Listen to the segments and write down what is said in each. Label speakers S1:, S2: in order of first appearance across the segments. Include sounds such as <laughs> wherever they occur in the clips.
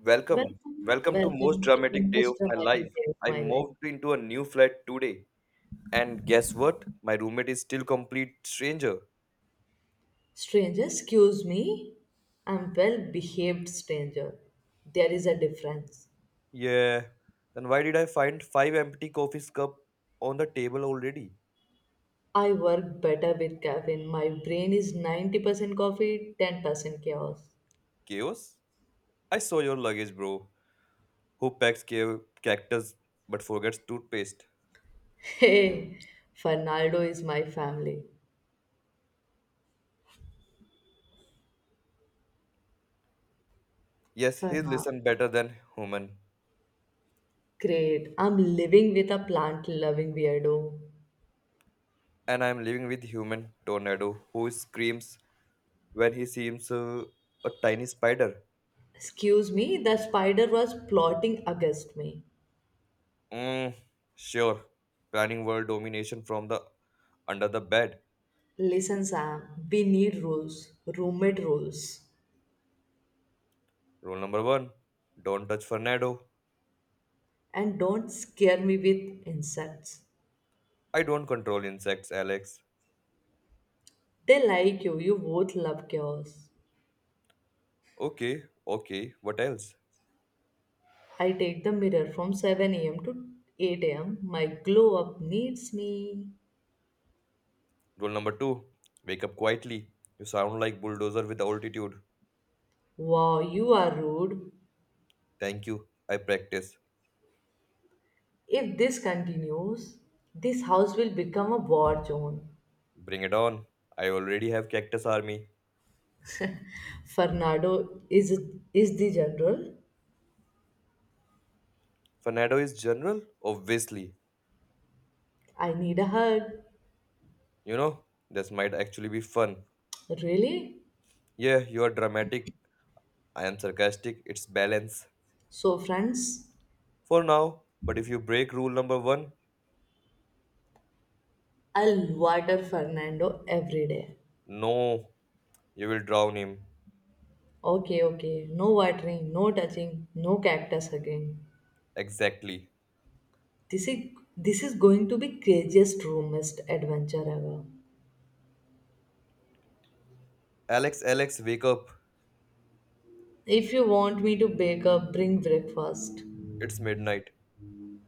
S1: Welcome.
S2: Welcome,
S1: Welcome to most
S2: welcome to the
S1: dramatic day of
S2: most
S1: my life.
S2: dramatic day of
S1: I
S2: my life.
S1: moved into a new flat today. And guess what? My roommate is still complete stranger.
S2: Stranger, excuse me. I'm well behaved stranger. There is a difference.
S1: Yeah. Then why did I find five empty coffee cup on the table already?
S2: I work better with caffeine. My brain is 90% coffee, 10% chaos.
S1: Chaos? I saw your luggage, bro. Who packs cactus but forgets toothpaste?
S2: <laughs> Hey, Fernando is my family.
S1: Yes, he
S2: Ferma,
S1: listen better than human.
S2: great. I'm living with a plant loving weirdo.
S1: And I'm living with human tornado who screams when he sees a tiny spider.
S2: Excuse me, the spider was plotting against me.
S1: Mm, sure. Planning world domination from the under the bed.
S2: Listen, Sam, we need rules, roommate rules.
S1: Rule number one: don't touch Fernando.
S2: And don't scare me with insects.
S1: I don't control insects, Alex.
S2: They like you both love chaos.
S1: Okay, okay. What else?
S2: I take the mirror from 7 a.m. to 8 am. My glow up needs me.
S1: Rule number two: wake up quietly. You sound like bulldozer with altitude.
S2: Wow, you are rude.
S1: Thank you. I practice.
S2: If this continues, this house will become a war zone.
S1: Bring it on. I already have cactus army.
S2: Fernando is the general.
S1: Fernando is general, obviously.
S2: I need a hug.
S1: You know this might actually be fun.
S2: Really?
S1: Yeah, you are dramatic. I am sarcastic. It's balance.
S2: So, friends,
S1: For now. But if you break rule number one,
S2: I'll water Fernando every day.
S1: no, you will drown him.
S2: Okay, okay. No watering, no touching, no cactus again.
S1: Exactly.
S2: This is this is going to be craziest roomest adventure ever.
S1: Alex, Alex, wake up.
S2: If you want me to bake up, bring breakfast.
S1: It's midnight.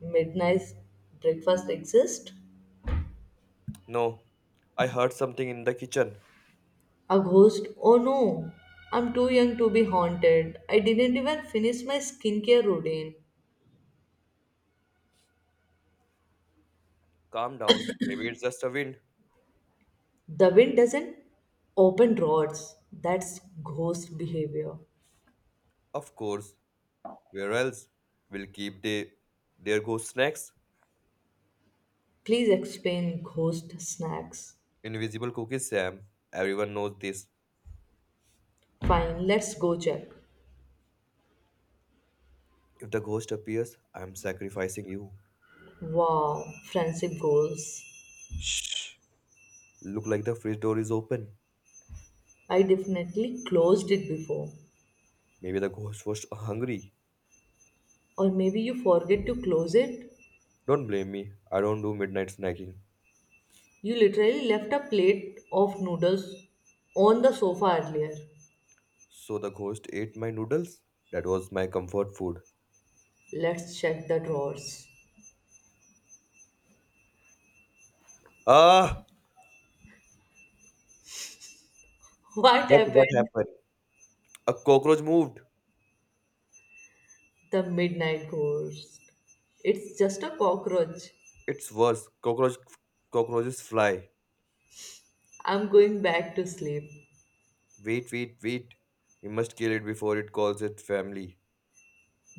S2: Midnight breakfast exist?
S1: No, I heard something in the kitchen.
S2: A ghost? Oh no. I'm too young to be haunted. I didn't even finish my skincare routine.
S1: Calm down. Maybe it's just a wind.
S2: The wind doesn't open rods. That's ghost behavior.
S1: Of course. Where else? We'll keep the their ghost snacks.
S2: Please explain ghost snacks.
S1: Invisible cookies, Sam. Everyone knows this.
S2: Fine, let's go check.
S1: If the ghost appears, I'm sacrificing you.
S2: Wow, friendship goals.
S1: Shh. Look like the fridge door is open.
S2: I definitely closed it before.
S1: Maybe the ghost was hungry.
S2: Or maybe you forget to close it.
S1: Don't blame me. I don't do midnight snacking.
S2: You literally left a plate of noodles on the sofa earlier.
S1: So the ghost ate my noodles. That was my comfort food.
S2: Let's check the drawers.
S1: Ah,
S2: What
S1: but what
S2: happened?
S1: happened? A cockroach moved.
S2: The midnight ghost. It's just a cockroach.
S1: It's worse. Cockroaches fly.
S2: I'm going back to sleep.
S1: Wait, wait, wait. We must kill it before it calls its family.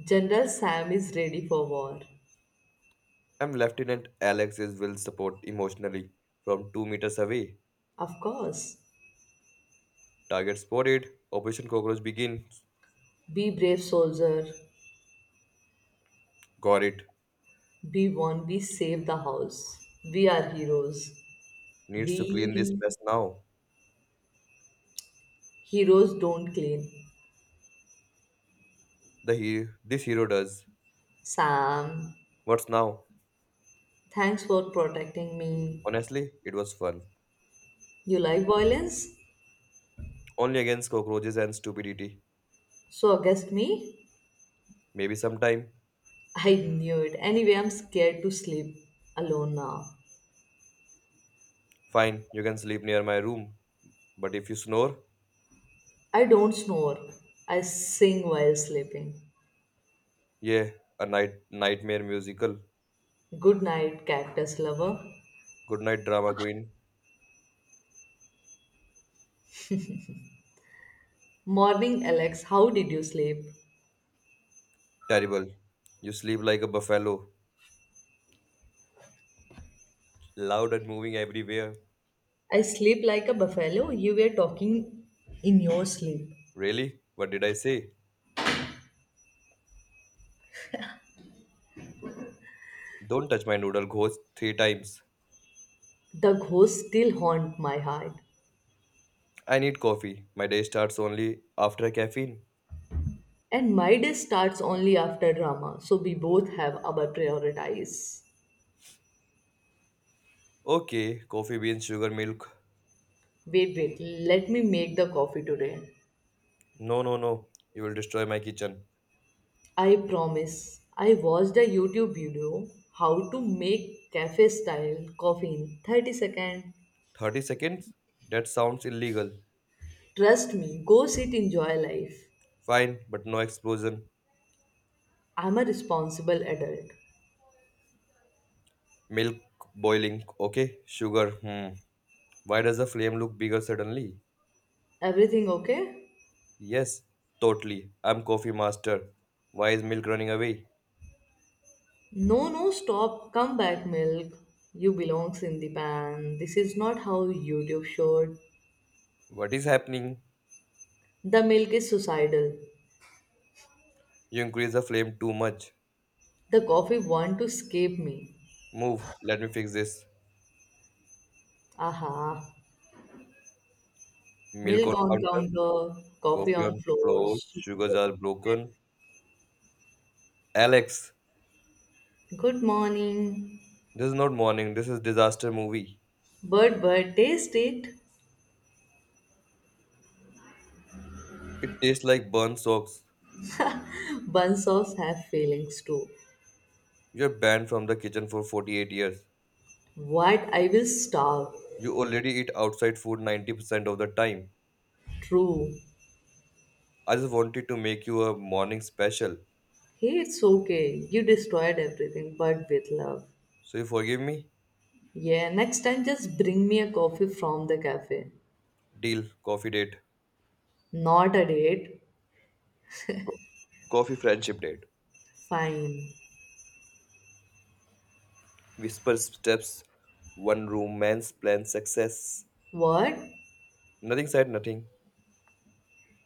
S2: General Sam is ready for war.
S1: I'm Lieutenant Alex's will support emotionally from 2 meters away.
S2: Of course.
S1: Target spotted. Operation Cockroach begins.
S2: Be brave, soldier.
S1: Got it.
S2: We won, we saved the house. We are heroes.
S1: Needs to clean this
S2: We
S1: mess now.
S2: heroes don't clean.
S1: The hero, this hero does.
S2: Sam,
S1: What's now?
S2: thanks for protecting me.
S1: Honestly, it was fun.
S2: You like violence?
S1: Only against cockroaches and stupidity.
S2: So against me?
S1: Maybe sometime.
S2: I knew it. Anyway, I'm scared to sleep alone now.
S1: Fine, you can sleep near my room. But if you snore,
S2: I don't snore. I sing while sleeping.
S1: yeah, a nightmare musical.
S2: Good night, cactus lover.
S1: Good night, drama queen.
S2: Morning, Alex. How did you sleep?
S1: Terrible. You sleep like a buffalo, loud and moving everywhere.
S2: I sleep like a buffalo. You were talking in your sleep.
S1: Really? What did I say? Don't touch my noodle ghost three times.
S2: The ghosts still haunt my heart,
S1: I need coffee. My day starts only after caffeine.
S2: and my day starts only after drama, so we both have our priorities.
S1: Okay, coffee beans, sugar, milk.
S2: Wait, wait, let me make the coffee today.
S1: No, no, no. You will destroy my kitchen.
S2: I promise. I watched a YouTube video how to make cafe style coffee in 30 seconds.
S1: 30 seconds? That sounds illegal.
S2: Trust me, go sit, enjoy life.
S1: Fine, but no explosion.
S2: I'm a responsible adult.
S1: Milk boiling, okay. Sugar, hmm. Why does the flame look bigger suddenly?
S2: Everything okay?
S1: Yes, totally. I'm coffee master. Why is milk running away?
S2: No, no, stop. Come back, milk. You belongs in the pan. This is not how YouTube showed.
S1: What is happening?
S2: The milk is suicidal.
S1: You increase the flame too much.
S2: The coffee want to escape me.
S1: Move, let me fix this.
S2: Aha.
S1: Milk
S2: Milk
S1: on
S2: on
S1: counter,
S2: counter, coffee
S1: coffee
S2: on
S1: on
S2: floor.
S1: floor, sugars
S2: Super.
S1: are broken. Alex,
S2: Good morning.
S1: this is not morning, this is disaster movie.
S2: Bird, bird, taste it.
S1: It tastes like burnt socks.
S2: <laughs> Buns of have feelings too.
S1: You're banned from the kitchen for 48 years.
S2: What? I will starve.
S1: You already eat outside food 90% of the time.
S2: True.
S1: I just wanted to make you a morning special.
S2: Hey, it's okay. You destroyed everything, but with love.
S1: So you forgive me?
S2: Yeah, next time just bring me a coffee from the cafe.
S1: Deal,
S2: Not a date.
S1: coffee friendship date.
S2: Fine.
S1: Whisper steps, one room, man's plan, success.
S2: What?
S1: Nothing said, nothing.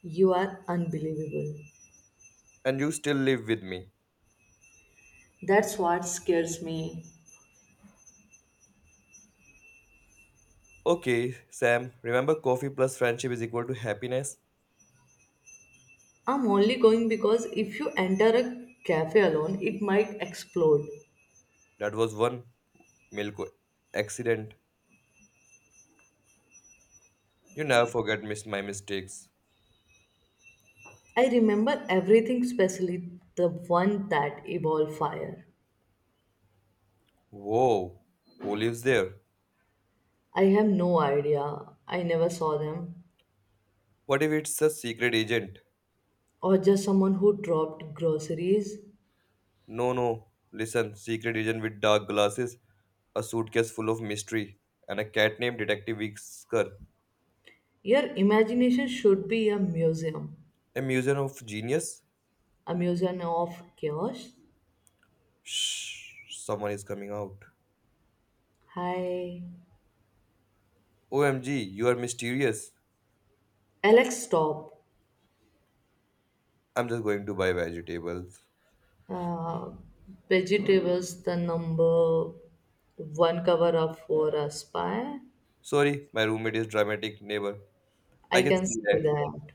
S2: You are unbelievable.
S1: And you still live with me.
S2: That's what scares me.
S1: Okay, Sam, remember coffee plus friendship is equal to happiness?
S2: I'm only going because if you enter a cafe alone, it might explode.
S1: That was one milk accident. You never forget miss my mistakes.
S2: I remember everything, especially the one that evolved fire.
S1: Whoa, who lives there?
S2: I have no idea. I never saw them.
S1: What if it's a secret agent?
S2: Or just someone who dropped groceries.
S1: No, no, listen, secret agent with dark glasses, a suitcase full of mystery, and a cat named Detective Whisker.
S2: Your imagination should be a museum.
S1: A museum of genius?
S2: A museum of chaos.
S1: Shh, someone is coming out.
S2: Hi.
S1: OMG, you are mysterious.
S2: Alex, stop.
S1: I'm just going to buy vegetables.
S2: uh, Vegetables, the number one cover up for a spy.
S1: Sorry, my roommate is dramatic neighbor. I
S2: I
S1: can
S2: can
S1: see
S2: say
S1: that.
S2: that.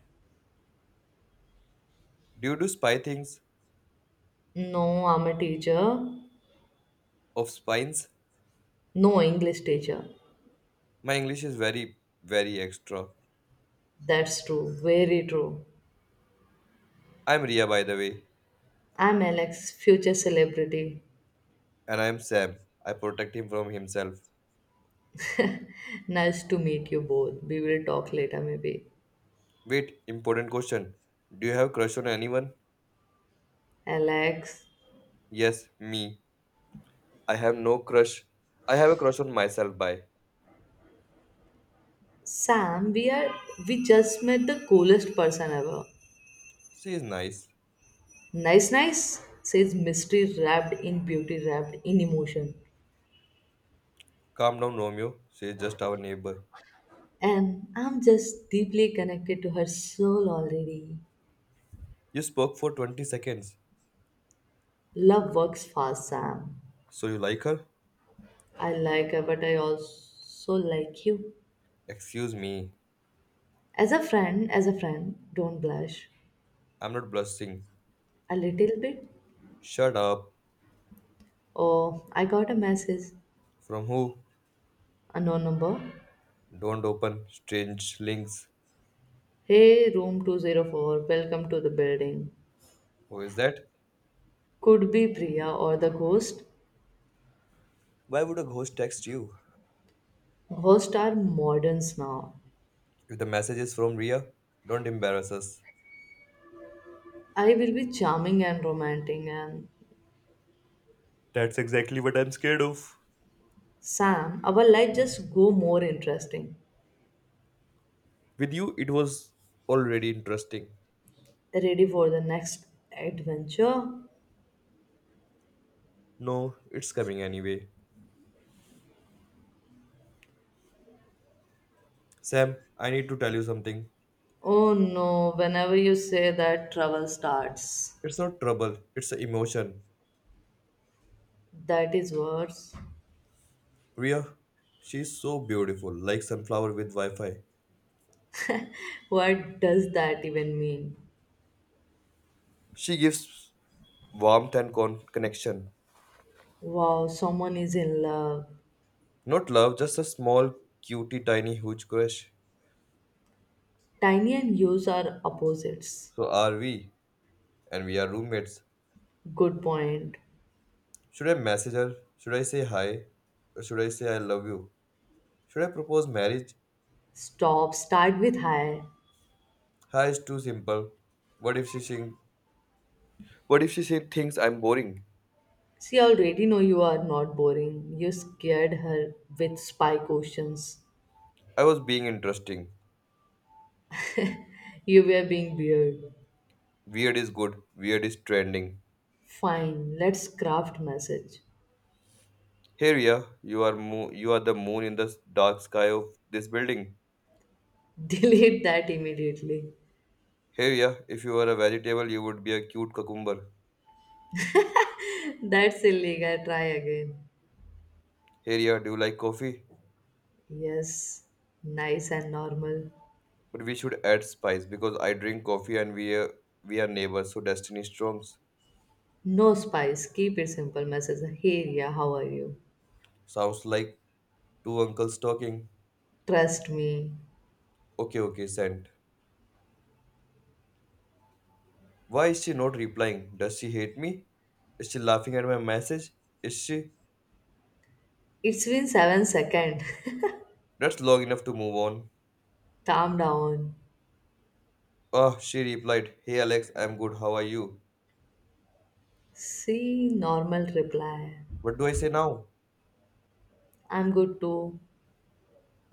S1: Do you do spy things
S2: No, I'm a teacher.
S1: of spines?
S2: No English teacher.
S1: My English is very, very extra.
S2: That's true. Very true.
S1: I'm Ria, by the way,
S2: I'm Alex, future celebrity.
S1: and I'm Sam. I protect him from himself.
S2: Nice to meet you both. We will talk later, maybe.
S1: Wait, important question. Do you have crush on anyone?
S2: Alex,
S1: Yes, me. I have no crush. I have a crush on myself, bye.
S2: Sam, we just met the coolest person ever.
S1: She is nice.
S2: Nice, nice, says mystery wrapped in beauty, wrapped in emotion.
S1: Calm down, Romeo. She is just our neighbor.
S2: And I'm just deeply connected to her soul already.
S1: You spoke for 20 seconds.
S2: Love works fast, Sam.
S1: So you like her?
S2: I like her, but I also like you.
S1: Excuse me.
S2: As a friend, don't blush.
S1: I'm not blushing.
S2: A little bit.
S1: Shut up.
S2: Oh, I got a message.
S1: From who?
S2: A no number.
S1: Don't open strange links.
S2: Hey, room 204, welcome to the building.
S1: Who is that?
S2: Could be Priya or the ghost.
S1: Why would a ghost text you?
S2: Ghosts are moderns now.
S1: If the message is from Ria, don't embarrass us.
S2: I will be charming and romantic, and
S1: That's exactly what I'm scared of.
S2: Sam, our life just go more interesting.
S1: With you, it was already interesting.
S2: Ready for the next adventure?
S1: No, it's coming anyway. Sam, I need to tell you something.
S2: Oh no, whenever you say that trouble starts.
S1: It's not trouble, it's an emotion.
S2: That is worse.
S1: Ria, she's so beautiful, like sunflower with Wi Fi.
S2: What does that even mean?
S1: She gives warmth and connection.
S2: Wow, someone is in love.
S1: Not love, just a small, cutie, tiny, huge crush.
S2: Tiny and use are opposites.
S1: So are we, and we are roommates.
S2: Good point.
S1: Should I message her? Should I say hi? Or should I say I love you? Should I propose marriage?
S2: Stop, start with hi.
S1: Hi is too simple. What if she sing- What if she said things I'm boring?
S2: She already know you are not boring. You scared her with spy questions.
S1: I was being interesting.
S2: You were being weird.
S1: Weird is good. Weird is trending.
S2: Fine, let's craft message.
S1: Here, yeah, you are the moon in the dark sky of this building.
S2: <laughs> Delete that immediately.
S1: Here, yeah, if you were a vegetable, you would be a cute cucumber.
S2: That's illegal. Try again.
S1: Here, yeah, do you like coffee?
S2: Yes, nice and normal.
S1: But we should add spice because I drink coffee and we are neighbors, so destiny storms.
S2: No spice. Keep it simple. Message. Hey, yeah, how are you?
S1: Sounds like two uncles talking.
S2: Trust me.
S1: Okay, okay, sent. Why is she not replying? Does she hate me? Is she laughing at my message? Is she?
S2: It's been 7 seconds.
S1: That's long enough to move on.
S2: <laughs> Calm down.
S1: Ah, she replied, Hey Alex, I'm good, how are you?
S2: See, normal reply.
S1: What do I say now?
S2: I'm good too.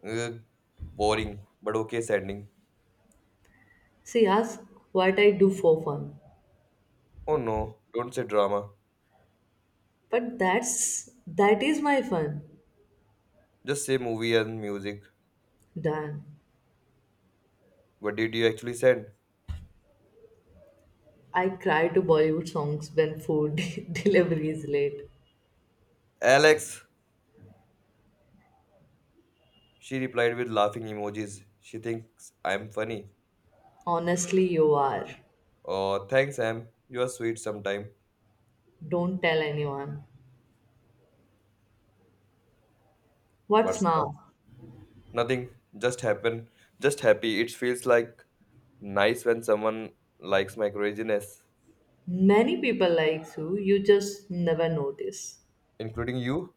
S1: "Uh, Boring, but okay, sending.
S2: See, ask what I do for fun.
S1: Oh no, don't say drama.
S2: But that is my fun.
S1: Just say movie and music.
S2: Done.
S1: What did you actually send?
S2: I cry to Bollywood songs when food <laughs> delivery is late.
S1: Alex, she replied with laughing emojis. She thinks I'm funny.
S2: Honestly, you are.
S1: Oh, thanks, Sam. You are sweet sometime.
S2: Don't tell anyone. What's
S1: What's up?
S2: now?
S1: Nothing. Just happen. Just happy. It feels like nice when someone likes my craziness,
S2: Many people like you just never notice.
S1: including you.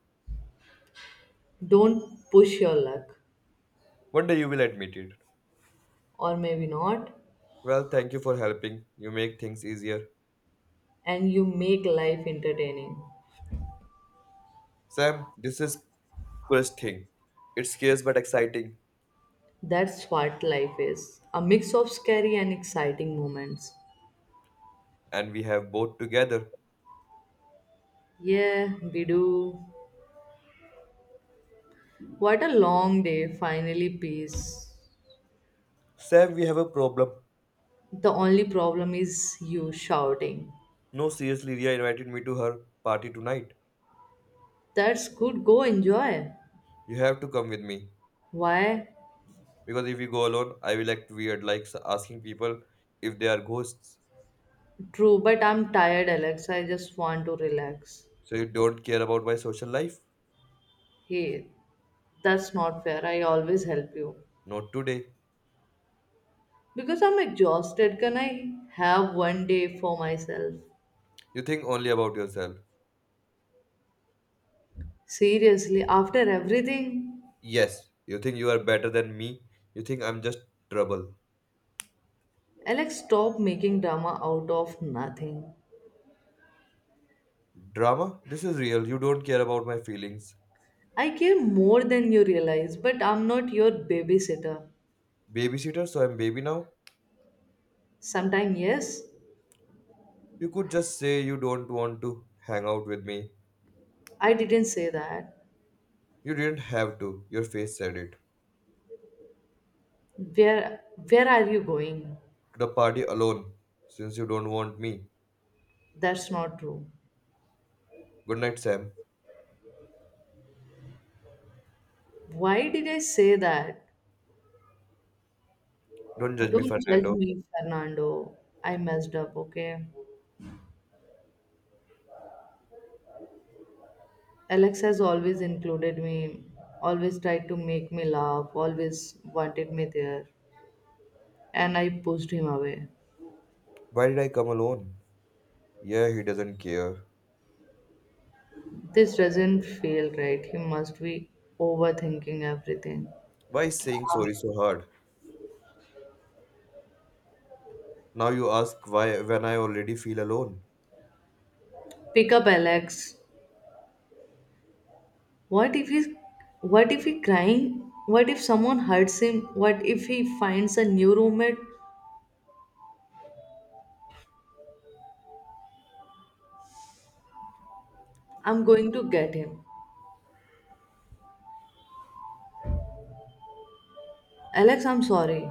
S2: Don't push your luck,
S1: One day you will admit it.
S2: or maybe not,
S1: Well, thank you for helping. You make things easier.
S2: and you make life entertaining.
S1: Sam, this is coolest thing. It's scarce but exciting,
S2: That's what life is, a mix of scary and exciting moments.
S1: and we have both together.
S2: Yeah, we do. What a long day, finally, peace.
S1: Sam, we have a problem.
S2: The only problem is you shouting.
S1: No, seriously, Ria invited me to her party tonight.
S2: That's good, go enjoy.
S1: You have to come with me.
S2: Why?
S1: Because if you go alone, I will act weird, like asking people if they are ghosts.
S2: True, but I'm tired, Alex. I just want to relax.
S1: So you don't care about my social life?
S2: Hey, that's not fair. I always help you.
S1: Not today.
S2: Because I'm exhausted, can I have one day for myself?
S1: You think only about yourself.
S2: Seriously, after everything?
S1: Yes, you think you are better than me. You think I'm just trouble.
S2: Alex, stop making drama out of nothing.
S1: Drama? This is real. You don't care about my feelings.
S2: I care more than you realize, but I'm not your babysitter.
S1: Babysitter, so I'm baby now?
S2: Sometime, yes,
S1: You could just say you don't want to hang out with me.
S2: I didn't say that.
S1: You didn't have to. Your face said it.
S2: Where, where are you going?
S1: To the party alone, since you don't want me.
S2: That's not true.
S1: Good night, Sam.
S2: Why did I say that?
S1: Don't judge me,
S2: Don't judge
S1: Fernando.
S2: me, Fernando. I messed up, okay? Alex has always included me, always tried to make me laugh, always wanted me there, and I pushed him away.
S1: Why did I come alone? Yeah, he doesn't care.
S2: This doesn't feel right. He must be overthinking everything.
S1: Why is saying sorry so hard? Now you ask why when I already feel alone.
S2: Pick up Alex. What if he crying? What if someone hurts him? What if he finds a new roommate? I'm going to get him. Alex, I'm sorry.